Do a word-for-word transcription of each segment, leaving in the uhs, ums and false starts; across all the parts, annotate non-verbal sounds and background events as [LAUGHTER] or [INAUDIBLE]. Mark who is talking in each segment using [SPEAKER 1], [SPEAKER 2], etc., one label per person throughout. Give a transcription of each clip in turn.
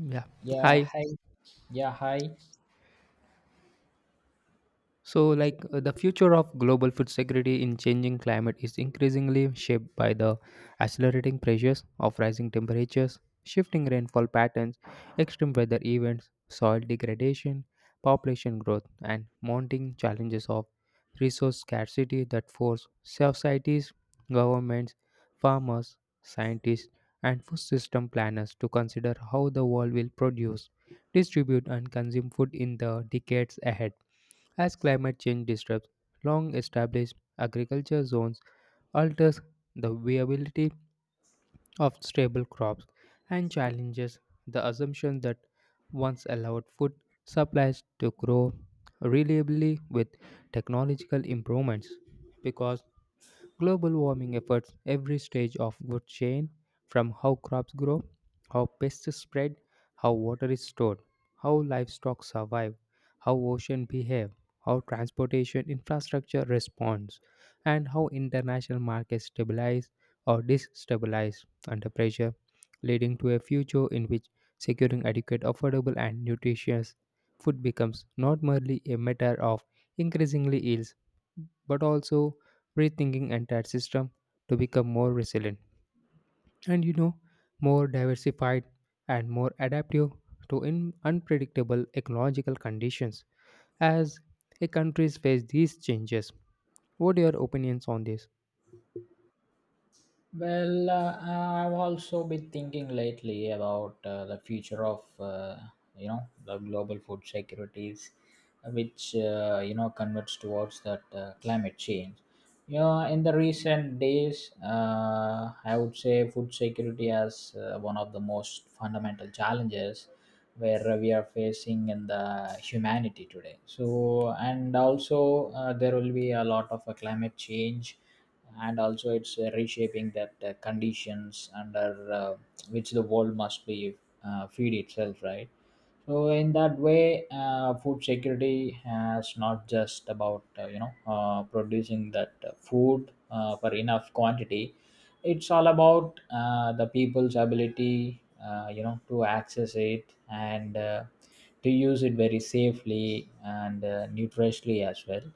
[SPEAKER 1] Yeah.
[SPEAKER 2] Yeah,
[SPEAKER 1] Hi.
[SPEAKER 2] hi. Yeah, hi.
[SPEAKER 1] So, like uh, the future of global food security in changing climate is increasingly shaped by the accelerating pressures of rising temperatures, shifting rainfall patterns, extreme weather events, soil degradation, population growth, and mounting challenges of resource scarcity that force societies, governments, farmers, scientists, and food system planners to consider how the world will produce distribute, and consume food in the decades ahead. As climate change disrupts long established agriculture zones, alters the viability of stable crops, and challenges the assumption that once allowed food supplies to grow reliably with technological improvements. Because global warming efforts every stage of food chain from how crops grow, how pests spread, how water is stored, how livestock survive, how oceans behave, how transportation infrastructure responds, and how international markets stabilize or destabilize under pressure, leading to a future in which securing adequate, affordable, and nutritious food becomes not merely a matter of increasingly ills but also rethinking entire system to become more resilient and you know more diversified and more adaptive to in unpredictable ecological conditions as a countries face these changes, what are your opinions on this?
[SPEAKER 2] Well, uh, I've also been thinking lately about uh, the future of, uh, you know, the global food securities, which, uh, you know, converts towards that uh, climate change. You know, in the recent days, uh, I would say food security as uh, one of the most fundamental challenges where we are facing in the humanity today. So, and also uh, there will be a lot of uh, climate change, and also it's uh, reshaping that uh, conditions under uh, which the world must be uh, feed itself, right? So in that way, uh, food security has not just about uh, you know uh, producing that uh, food uh, for enough quantity. It's all about uh, the people's ability, uh, you know, to access it, and uh, to use it very safely and uh, nutritiously as well.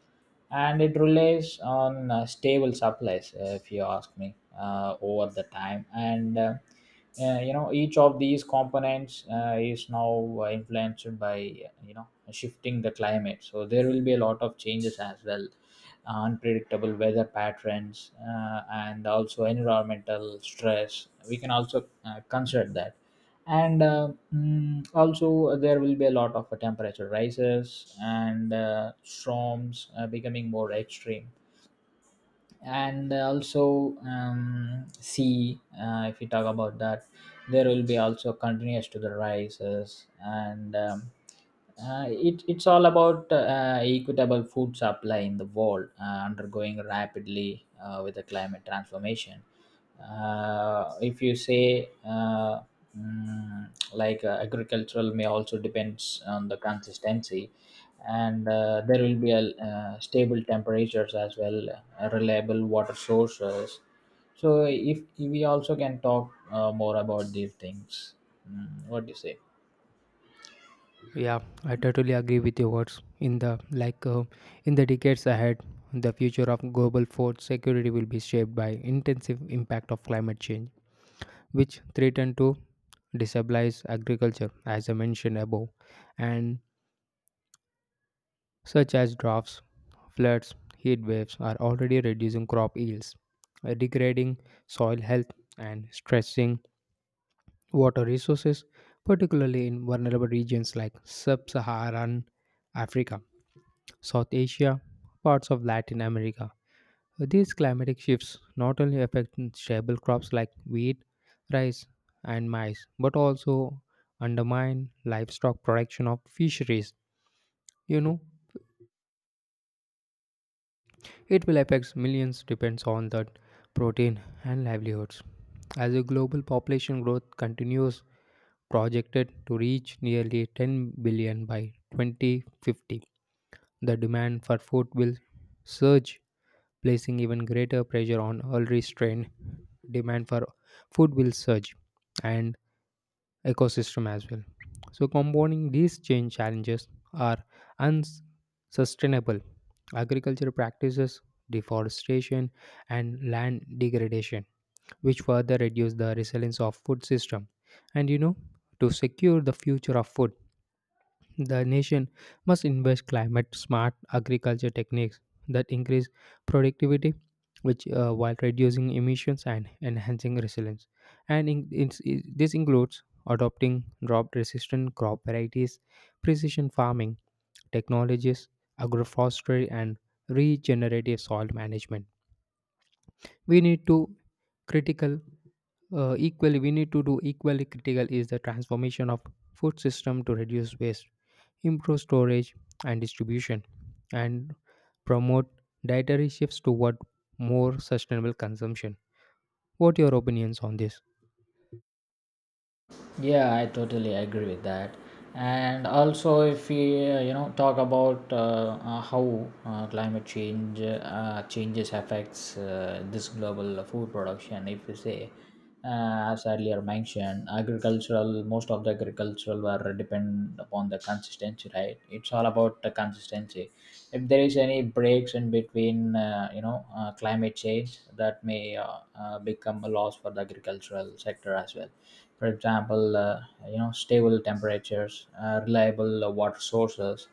[SPEAKER 2] And it relies on uh, stable supplies, uh, if you ask me, uh, over the time. And uh, uh, you know, each of these components uh, is now uh, influenced by, you know, shifting the climate, so there will be a lot of changes as well. Uh, unpredictable weather patterns, uh, and also environmental stress we can also uh, consider that. and uh, mm, Also, there will be a lot of uh, temperature rises and uh, storms uh, becoming more extreme. And also, um, sea, uh, if you talk about that, there will be also continuous to the rises. And um, uh, it, it's all about uh, equitable food supply in the world, uh, undergoing rapidly uh, with the climate transformation. Uh, if you say uh, mm, Like, uh, agricultural may also depends on the consistency. And uh, there will be a uh, stable temperatures as well, uh, reliable water sources. So if we also can talk uh, more about these things, mm, what do you say?
[SPEAKER 1] Yeah, I totally agree with your words in the like uh, in the decades ahead, the future of global food security will be shaped by intensive impact of climate change which threaten to destabilize agriculture, as I mentioned above, and such as droughts, floods, heat waves are already reducing crop yields, uh, degrading soil health, and stressing water resources, particularly in vulnerable regions like sub Saharan Africa, South Asia, parts of Latin America. These climatic shifts not only affect stable crops like wheat, rice, and maize, but also undermine livestock production of fisheries. You know, it will affect millions depends on the protein and livelihoods. As the global population growth continues, projected to reach nearly ten billion by twenty fifty, the demand for food will surge placing even greater pressure on already strained demand for food will surge and ecosystem as well. So compounding these change challenges are unsustainable agricultural practices, deforestation, and land degradation, which further reduce the resilience of food system. And you know, to secure the future of food, the nation must invest climate smart agriculture techniques that increase productivity, which uh, while reducing emissions and enhancing resilience. And in, it's- it- This includes adopting drought resistant crop varieties, precision farming technologies, agroforestry, and regenerative soil management. We need to critical uh, Equally we need to do equally critical is the transformation of food system to reduce waste improve storage and distribution, and promote dietary shifts toward more sustainable consumption. What your opinions on this?
[SPEAKER 2] Yeah, I totally agree with that. And also, if we uh, you know, talk about uh, uh, how uh, climate change uh, changes affects uh, this global food production. If we say, uh, as earlier mentioned, agricultural, most of the agricultural were depend upon the consistency, right? It's all about the consistency. If there is any breaks in between, uh, you know uh, climate change, that may uh, uh, become a loss for the agricultural sector as well. For example, uh, you know, stable temperatures, uh, reliable uh, water sources,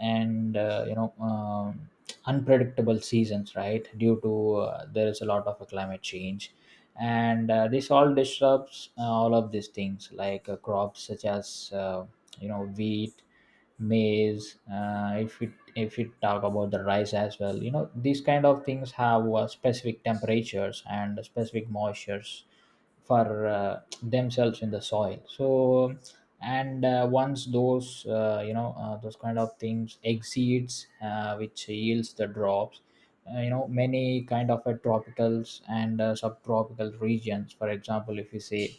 [SPEAKER 2] and uh, you know um, unpredictable seasons, right? Due to uh, there is a lot of uh, climate change. And uh, this all disrupts uh, all of these things, like uh, crops such as, uh, you know, wheat, maize. Uh, if it if it talk about the rice as well, you know, these kind of things have uh, specific temperatures and specific moistures for uh, themselves in the soil. So and uh, once those uh, you know uh, those kind of things exceeds, uh, which yields the drops. Uh, you know, many kind of uh, tropicals and uh, subtropical regions, for example, if you say,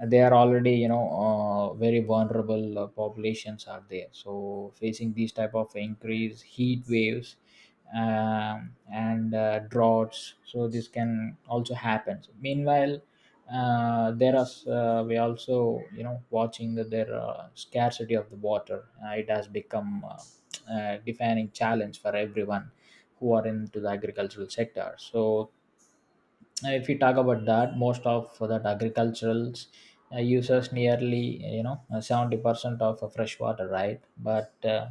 [SPEAKER 2] uh, they are already, you know, uh, very vulnerable uh, populations are there, so facing these type of increased heat waves um, and uh, droughts. So this can also happen. So meanwhile, uh, there are uh, we also, you know, watching that there, uh, scarcity of the water, uh, it has become uh, [TSK] uh, defining challenge for everyone who are into the agricultural sector. So uh, if we talk about that, most of that agricultural uh, uses nearly, you know, uh, seventy percent of uh, fresh water, right? But uh,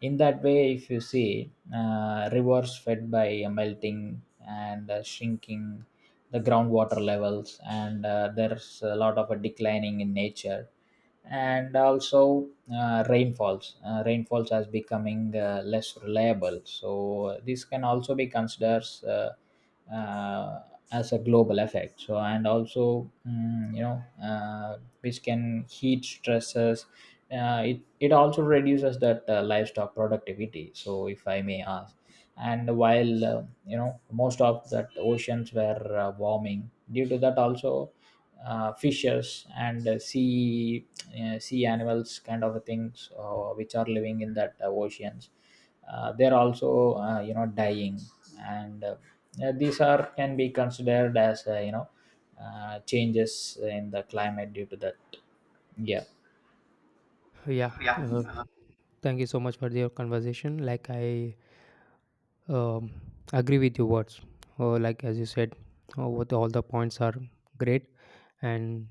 [SPEAKER 2] in that way, if you see, uh, rivers fed by uh, melting and uh, shrinking the groundwater levels, and uh, there's a lot of a declining in nature. And also, uh, rainfalls uh, rainfalls as becoming uh, less reliable, so uh, this can also be considered uh, as a global effect. So and also, mm, you know, uh, which can heat stresses, uh, it, it also reduces that uh, livestock productivity. So if I may ask, and while, uh, you know, most of that oceans were uh, warming due to that. Also, uh, fishes and uh, sea uh, sea animals kind of things uh, which are living in that uh, oceans, uh, they're also, uh, you know, dying. And uh, uh, These are can be considered as, uh, you know, uh, changes in the climate due to that, yeah.
[SPEAKER 1] Yeah,
[SPEAKER 2] Yeah,
[SPEAKER 1] uh, thank you so much for your conversation. Like I um, agree with your words. Uh, like as you said, uh, what all the points are great. And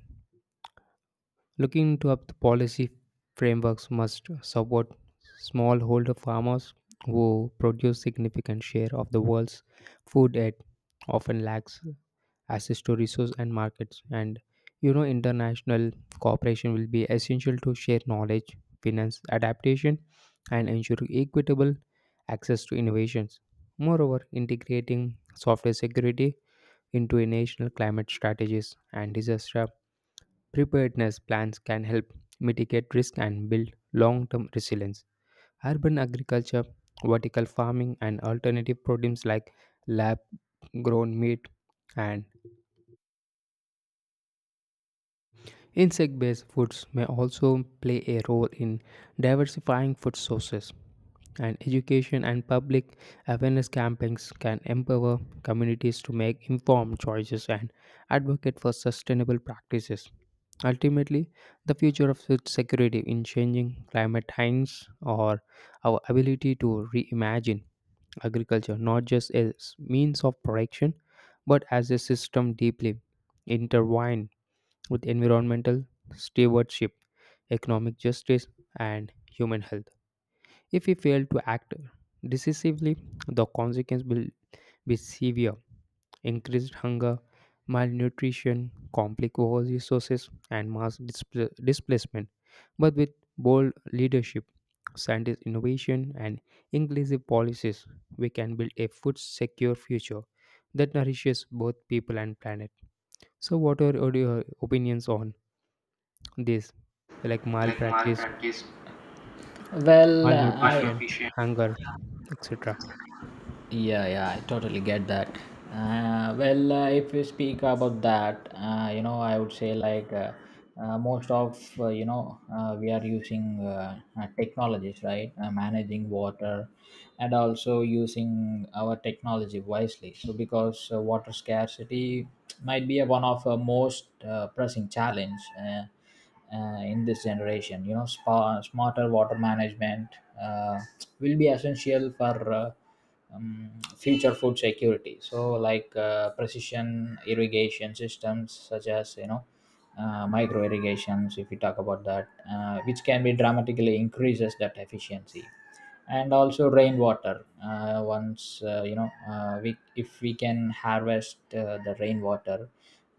[SPEAKER 1] looking to up the policy frameworks must support smallholder farmers who produce significant share of the world's food aid often lacks access to resources and markets. And you know, international cooperation will be essential to share knowledge, finance adaptation, and ensure equitable access to innovations. Moreover, integrating software security into national climate strategies and disaster preparedness plans can help mitigate risk and build long term resilience. Urban agriculture, vertical farming, and alternative produce like lab grown meat and insect based foods may also play a role in diversifying food sources, and education and public awareness campaigns can empower communities to make informed choices and advocate for sustainable practices. Ultimately, the future of food security in changing climate times or our ability to reimagine agriculture not just as means of production but as a system deeply intertwined with environmental stewardship, economic justice, and human health. If we fail to act decisively, the consequence will be severe increased hunger, malnutrition, conflict over resources, and mass displa- displacement. But with bold leadership, scientist innovation, and inclusive policies, we can build a food secure future that nourishes both people and planet. So, what are your your opinions on? This like
[SPEAKER 2] like
[SPEAKER 1] malpractice,
[SPEAKER 2] malpractice, well, I
[SPEAKER 1] malnutrition,
[SPEAKER 2] malnutrition.
[SPEAKER 1] hunger, et cetera.
[SPEAKER 2] Yeah, yeah, I totally get that. Uh, well, uh, if we speak about that, uh, you know, I would say, like uh, uh, most of, uh, you know uh, we are using uh, uh, technologies, right? Uh, managing water, and also using our technology wisely. So because uh, water scarcity might be a one of uh, most uh, pressing challenge Uh, uh, in this generation. You know, spa, smarter water management uh, will be essential for Uh, um, future food security. So like uh, precision irrigation systems such as, you know, uh, micro irrigations, if we talk about that, uh, which can be dramatically increases that efficiency. And also rainwater, uh, once uh, you know uh, we if we can harvest uh, the rainwater,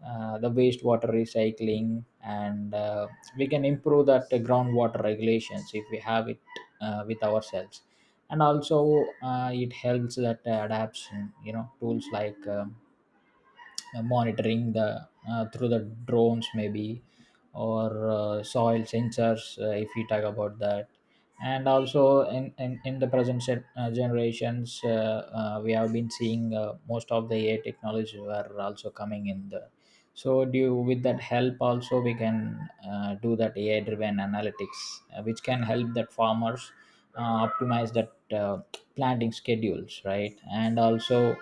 [SPEAKER 2] uh, the wastewater recycling, and uh, we can improve that uh, groundwater regulations if we have it uh, with ourselves. And also uh, it helps that uh, adaption, you know, tools like, um, uh, monitoring the uh, through the drones maybe, or uh, soil sensors, uh, if we talk about that. And also, in in, in the present set, uh, generations, uh, uh, we have been seeing uh, most of the AI technologies were also coming in the. So do you, with that help, also we can uh, do that AI driven analytics, uh, which can help that farmers uh, optimize that uh, planting schedules, right? And also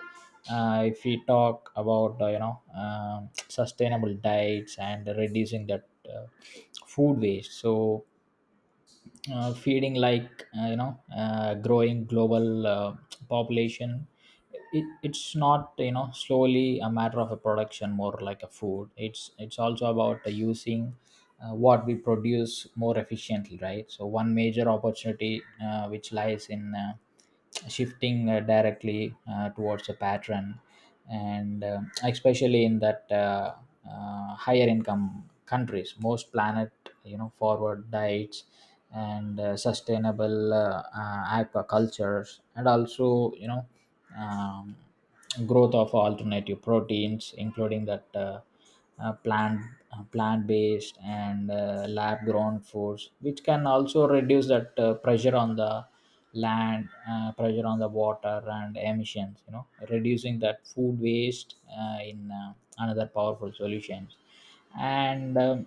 [SPEAKER 2] uh, if we talk about, uh, you know, um, sustainable diets, and reducing that uh, food waste. So uh, feeding like, uh, you know, uh, growing global uh, population, it, it's not, you know, slowly a matter of a production more like a food. it's it's also about uh, using uh, what we produce more efficiently, right? So one major opportunity uh, which lies in uh, shifting uh, directly uh, towards a pattern, and um, especially in that uh, uh, higher income countries, most planet, you know, forward diets, and uh, sustainable uh, uh, aquacultures, and also, you know, um, growth of alternative proteins including that uh, uh, plant uh, plant based and uh, lab grown foods, which can also reduce that uh, pressure on the land, uh, pressure on the water and emissions. You know, reducing that food waste, uh, in uh, another powerful solution. and um,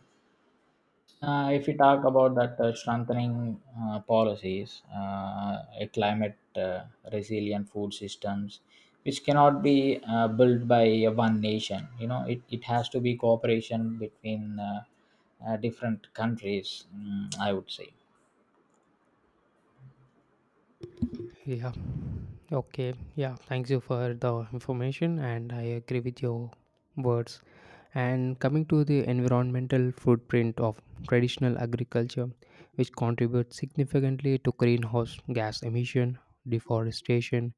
[SPEAKER 2] uh, if we talk about that, uh, strengthening uh, policies, uh, a climate uh, resilient food systems, which cannot be uh, built by uh, one nation. You know, it, it has to be cooperation between uh, uh, different countries, mm, I would say.
[SPEAKER 1] Yeah, okay. Yeah, thanks you for the information, and I agree with your words. And coming to the environmental footprint of traditional agriculture, which contributes significantly to greenhouse gas emission, deforestation,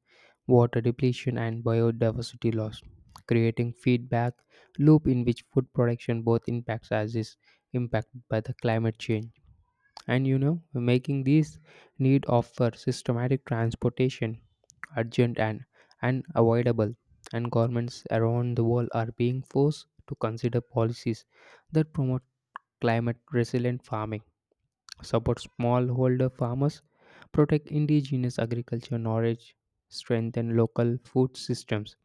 [SPEAKER 1] water depletion, and biodiversity loss, creating feedback loop in which food production both impacts as is impacted by the climate change and you know making these need of for systematic transportation urgent and unavoidable and governments around the world are being forced to consider policies that promote climate resilient farming support smallholder farmers protect indigenous agriculture knowledge strengthen local food systems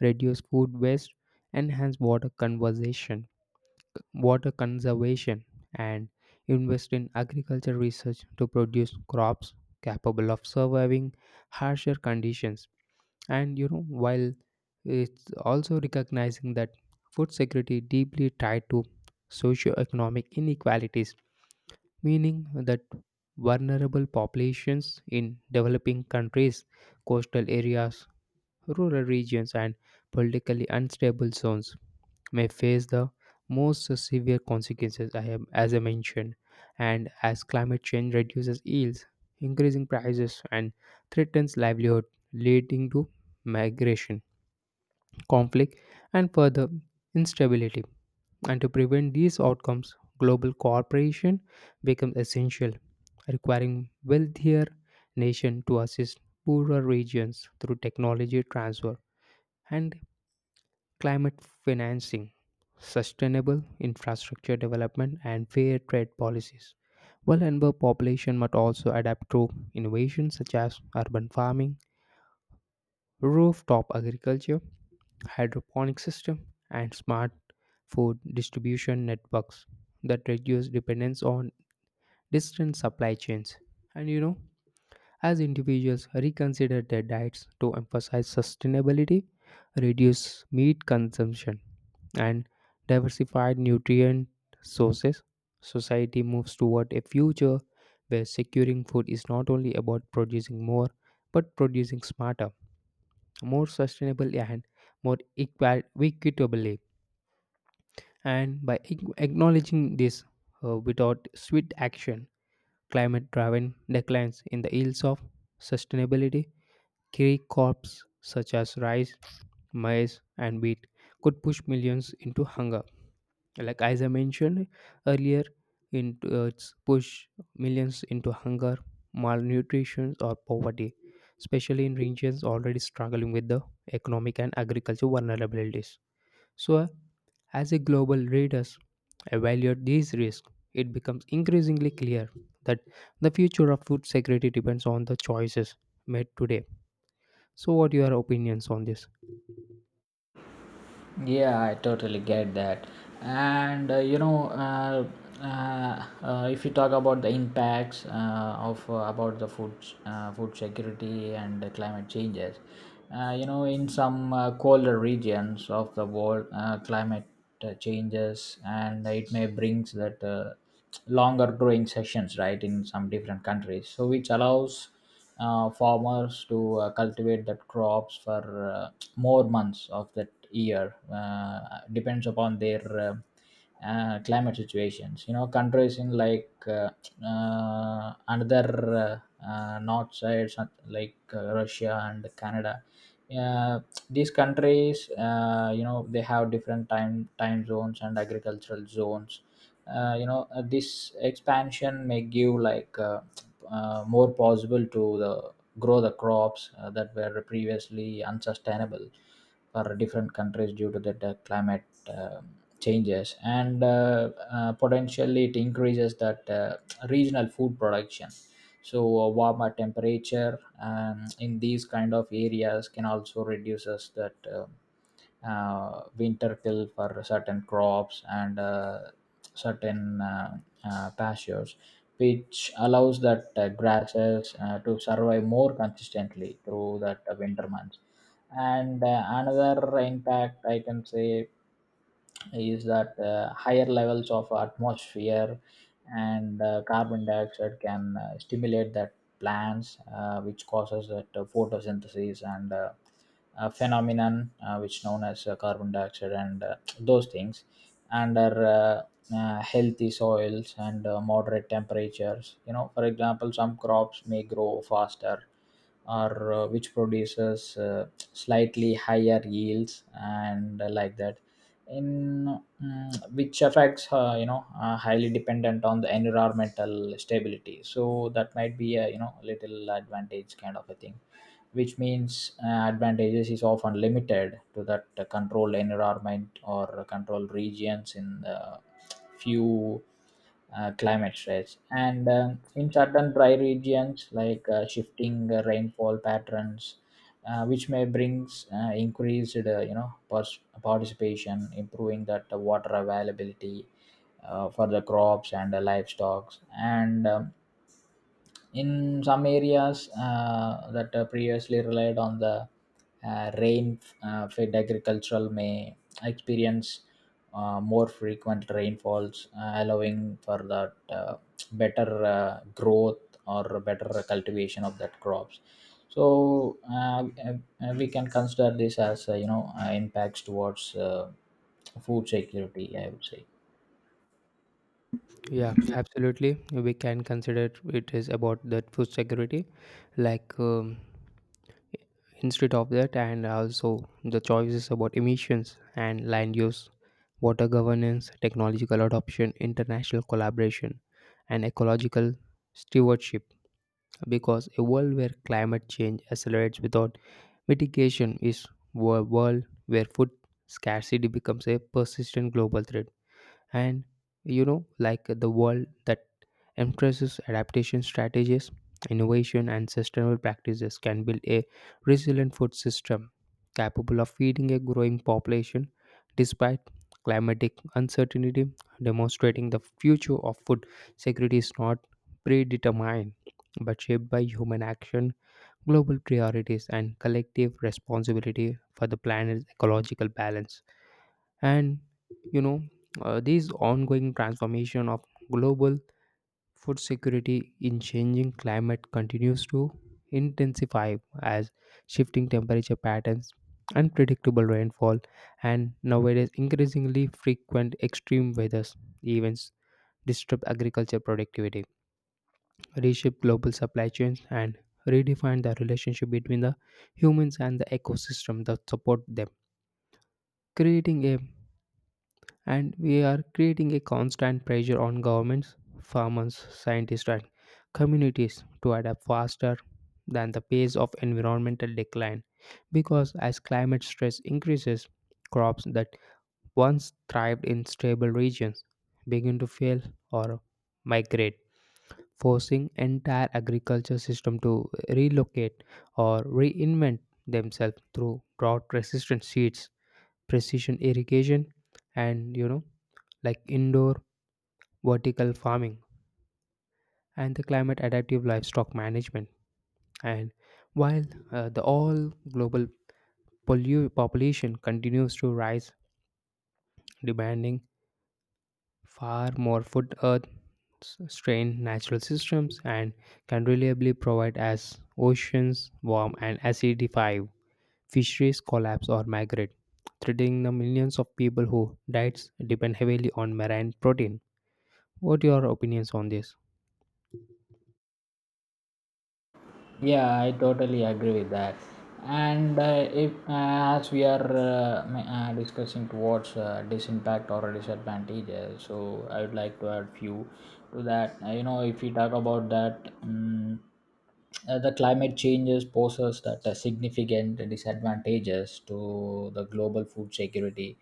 [SPEAKER 1] reduce food waste enhance water conservation water conservation, and invest in agriculture research to produce crops capable of surviving harsher conditions. And you know, while it's also recognizing that food security deeply tied to socioeconomic inequalities, meaning that vulnerable populations in developing countries, coastal areas, rural regions, and politically unstable zones may face the most severe consequences I have, as I mentioned, and as climate change reduces yields, increasing prices, and threatens livelihood, leading to migration, conflict, and further instability. And to prevent these outcomes, global cooperation becomes essential, requiring wealthier nations to assist poorer regions through technology transfer and climate financing, sustainable infrastructure development, and fair trade policies. While Denver population must also adapt to innovations such as urban farming, rooftop agriculture, hydroponic system, and smart food distribution networks that reduce dependence on distant supply chains. And you know, as individuals reconsider their diets to emphasize sustainability, reduce meat consumption, and diversify nutrient sources, society moves toward a future where securing food is not only about producing more, but producing smarter, more sustainably, and more equa- equitably. And by ac- acknowledging this uh, without swift action, climate driven declines in the ills of sustainability key crops such as rice, maize, and wheat could push millions into hunger. Like as I mentioned earlier, in uh, it's push millions into hunger, malnutrition, or poverty, especially in regions already struggling with the economic and agricultural vulnerabilities. So, uh, as a global leaders evaluate these risks, it becomes increasingly clear that the future of food security depends on the choices made today. So, what your opinions on this?
[SPEAKER 2] Yeah, I totally get that. And uh, you know, uh, uh, uh, if you talk about the impacts uh, of uh, about the food, uh, food security and the climate changes, uh, you know, in some uh, colder regions of the world, uh, climate uh, changes, and it may brings that uh, longer growing sessions, right, in some different countries. So which allows uh, farmers to uh, cultivate that crops for uh, more months of that year, uh, depends upon their uh, uh, climate situations. You know, countries in like, uh, uh, another uh, uh, north side, some- like uh, Russia and Canada. Uh, these countries, uh, you know, they have different time time zones and agricultural zones. Uh, you know, uh, this expansion may give like, uh, uh, more possible to the grow the crops uh, that were previously unsustainable for different countries due to the, the climate uh, changes, and uh, uh, potentially it increases that uh, regional food production. So a warmer temperature, um, in these kind of areas, can also reduces that uh, uh, winter kill for certain crops, and uh, certain uh, uh, pastures, which allows that uh, grasses uh, to survive more consistently through that uh, winter months. And uh, another impact I can say is that uh, higher levels of atmosphere and uh, carbon dioxide can uh, stimulate that plants, uh, which causes that uh, photosynthesis, and uh, a phenomenon uh, which known as uh, carbon dioxide and uh, those things under uh, uh, healthy soils and uh, moderate temperatures. You know, for example, some crops may grow faster or uh, which produces uh, slightly higher yields, and uh, like that, in mm, which affects, uh, you know, uh, highly dependent on the environmental stability. So that might be a, you know, little advantage kind of a thing, which means uh, advantages is often limited to that uh, controlled environment or controlled regions in the few uh, climate stress. And um in certain dry regions, like uh, shifting uh, rainfall patterns, uh, which may brings uh, increased uh, you know pers- participation, improving that uh, water availability uh, for the crops and the livestock, and um, in some areas uh, that uh, previously relied on the uh, rain uh, fed agricultural may experience uh, more frequent rainfalls uh, allowing for that uh, better uh, growth or better cultivation of that crops. So uh, uh, we can consider this as uh, you know uh, impacts towards uh, food security, I would say.
[SPEAKER 1] Yeah, absolutely. We can consider it is about the food security, like um, instead of that, and also the choices about emissions and land use, water governance, technological adoption, international collaboration, and ecological stewardship. Because a world where climate change accelerates without mitigation is a world where food scarcity becomes a persistent global threat. And you know like the world that emphasizes adaptation strategies innovation and sustainable practices can build a resilient food system capable of feeding a growing population despite climatic uncertainty demonstrating the future of food security is not predetermined but shaped by human action global priorities and collective responsibility for the planet's ecological balance and you know uh, this ongoing transformation of global food security in changing climate continues to intensify as shifting temperature patterns unpredictable rainfall and nowadays increasingly frequent extreme weather events disrupt agriculture productivity reshape global supply chains and redefine the relationship between the humans and the ecosystem that support them creating a and we are creating a constant pressure on governments, farmers, scientists, and communities to adapt faster than the pace of environmental decline. Because as climate stress increases, crops that once thrived in stable regions begin to fail or migrate, forcing entire agriculture system to relocate or reinvent themselves through drought-resistant seeds precision irrigation and you know like indoor vertical farming and the climate adaptive livestock management and while uh, the all global pollu- population continues to rise demanding far more food earth s- strain natural systems and can reliably provide as oceans warm and acidify fisheries collapse or migrate threatening the millions of people who diets depend heavily on marine protein. What your opinions on this?
[SPEAKER 2] Yeah, I totally agree with that. And uh, if uh, as we are uh, ma- uh, discussing towards uh, disimpact or disadvantages, so I would like to add few to that. Uh, you know, if we talk about that, um, uh, the climate changes poses that uh, significant disadvantages to the global food security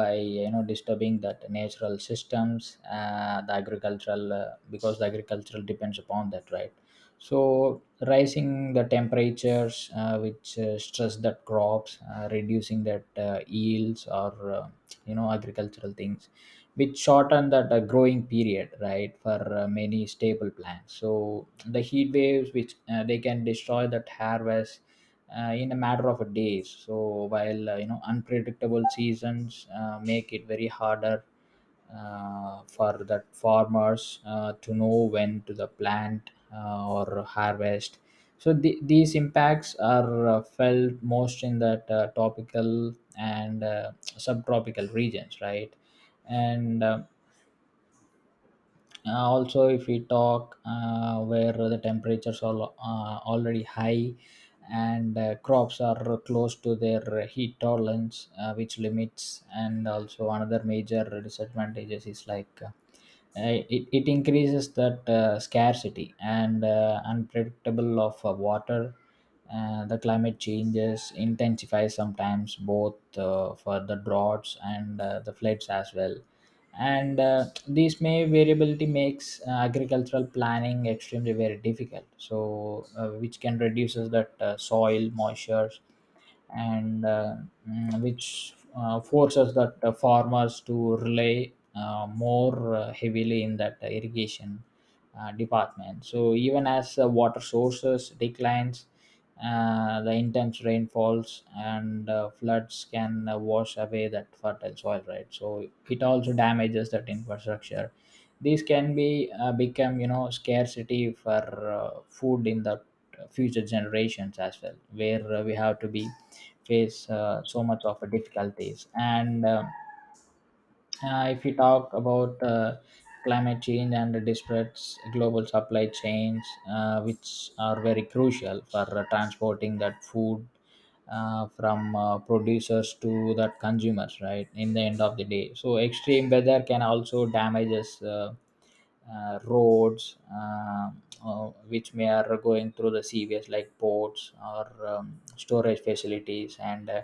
[SPEAKER 2] by you know disturbing that natural systems, uh, the agricultural, uh, because the agricultural depends upon that, right? So rising the temperatures, uh, which uh, stress that crops, uh, reducing that uh, yields or uh, you know agricultural things, which shorten that uh, growing period, right, for uh, many staple plants. So the heat waves, which uh, they can destroy that harvest uh, in a matter of days. So while uh, you know unpredictable seasons uh, make it very harder uh, for that farmers uh, to know when to the plant uh, or harvest. So the, these impacts are uh, felt most in that uh, tropical and uh, subtropical regions, right? And uh, uh, also if we talk uh, where the temperatures are lo- uh, already high, and uh, crops are close to their heat tolerance uh, which limits. And also another major disadvantages is like, uh, it, it increases that uh, scarcity and uh, unpredictable of uh, water. Uh, the climate changes intensify sometimes both uh, for the droughts and uh, the floods as well, and uh, this may variability makes uh, agricultural planning extremely very difficult, so uh, which can reduces that uh, soil moisture and uh, mm, which uh, forces that uh, farmers to rely uh, more uh, heavily in that uh, irrigation uh, department. So even as uh, water sources declines, uh, the intense rainfalls and uh, floods can uh, wash away that fertile soil, right? So it also damages that infrastructure. These can be uh, become, you know scarcity for uh, food in the future generations as well, where uh, we have to be face uh, so much of difficulties and. um uh, if you talk about uh, climate change and the disparate global supply chains, uh, which are very crucial for uh, transporting that food uh, from uh, producers to that consumers, right? In the end of the day, so extreme weather can also damages. Uh, uh, roads, uh, uh, which may are going through the C V S like ports or um, storage facilities and uh,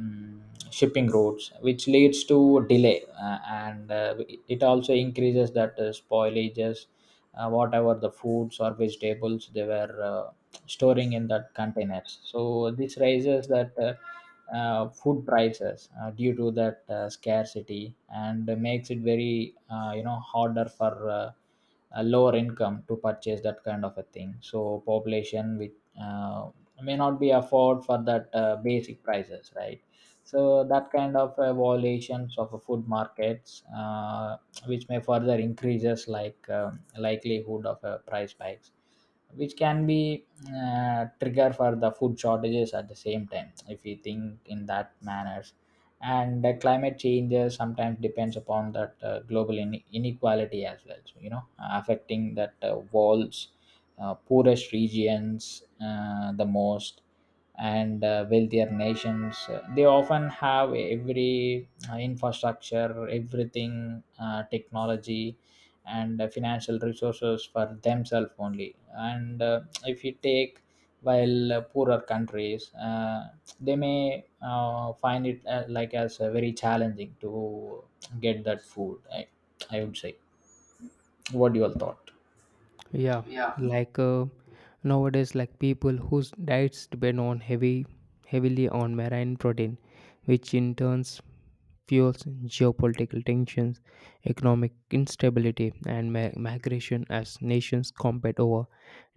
[SPEAKER 2] mm, shipping routes, which leads to delay uh, and uh, it also increases that uh, spoilages uh, whatever the foods or vegetables they were uh, storing in that containers. So this raises that uh, uh, food prices uh, due to that uh, scarcity, and makes it very uh, you know harder for uh, a lower income to purchase that kind of a thing. So population which uh, may not be afford for that uh, basic prices, right? So that kind of uh, violations of uh, food markets, uh, which may further increases like um likelihood of uh, price spikes, which can be uh, trigger for the food shortages at the same time, if we think in that manners. And uh, climate changes sometimes depends upon that uh, global in- inequality as well, so you know affecting that uh, walls, uh, poorest regions uh, the most, and uh, wealthier nations uh, they often have every uh, infrastructure, everything, uh, technology and uh, financial resources for themselves only. And uh, if you take, while uh, poorer countries, uh, they may uh, find it uh, like as uh, very challenging to get that food, I, I would say. What you all thought?
[SPEAKER 1] Yeah,
[SPEAKER 2] Yeah.
[SPEAKER 1] like uh, nowadays like people whose diets depend on heavy heavily on marine protein which in turns fuels geopolitical tensions, economic instability, and mi- migration as nations compete over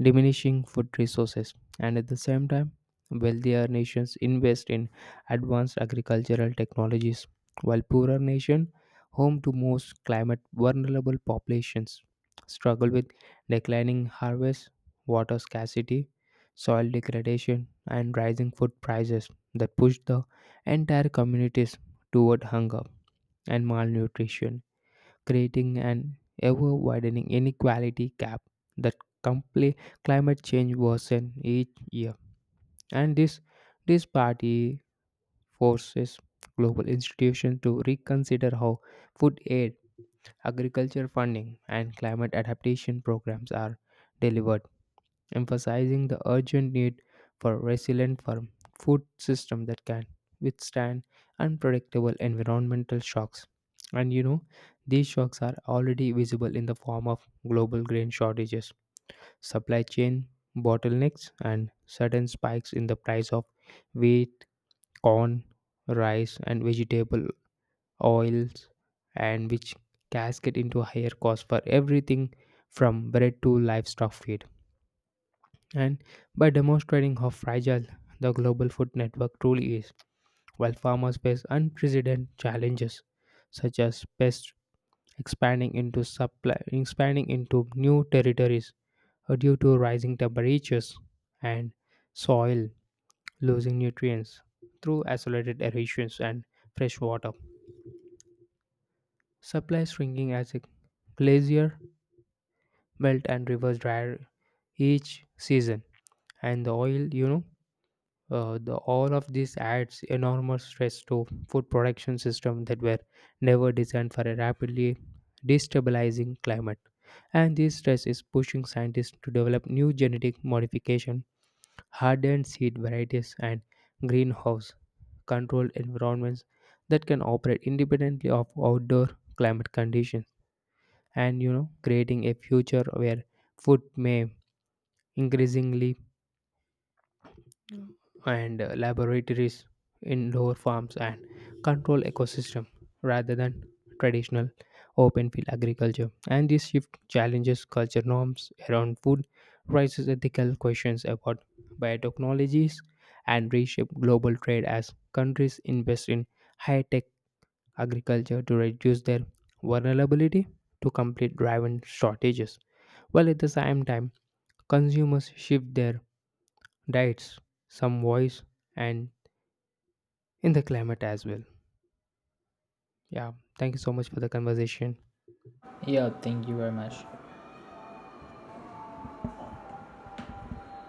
[SPEAKER 1] diminishing food resources. And at the same time, wealthier nations invest in advanced agricultural technologies, while poorer nations, home to most climate vulnerable populations, struggle with declining harvests, water scarcity, soil degradation, and rising food prices that push the entire communities toward hunger and malnutrition, creating an ever widening inequality gap that compli- climate change worsens each year. And this disparity forces global institutions to reconsider how food aid, agriculture funding, and climate adaptation programs are delivered emphasizing the urgent need for resilient farm food system that can withstand unpredictable environmental shocks. And you know, these shocks are already visible in the form of global grain shortages, supply chain bottlenecks, and sudden spikes in the price of wheat, corn, rice, and vegetable oils, and which cascade into higher costs for everything from bread to livestock feed and by demonstrating how fragile the global food network truly is, while farmers face unprecedented challenges such as pests expanding into supply, expanding into new territories uh, due to rising temperatures and soil losing nutrients through accelerated erosions and fresh water. Supply shrinking as a glacier melt and rivers dry each season and the oil you know uh, the all of this adds enormous stress to food production systems that were never designed for a rapidly destabilizing climate and this stress is pushing scientists to develop new genetic modification hardened seed varieties and greenhouse controlled environments that can operate independently of outdoor climate conditions and you know creating a future where food may increasingly and uh, laboratories, indoor farms, and control ecosystem rather than traditional open field agriculture. And this shift challenges culture norms around food, raises ethical questions about biotechnologies, and reshape global trade as countries invest in high-tech agriculture to reduce their vulnerability to complete driven shortages. While at the same time, consumers shift their diets, some voice and in the climate as well. Yeah, thank you so much for the conversation.
[SPEAKER 2] Yeah, thank you very much.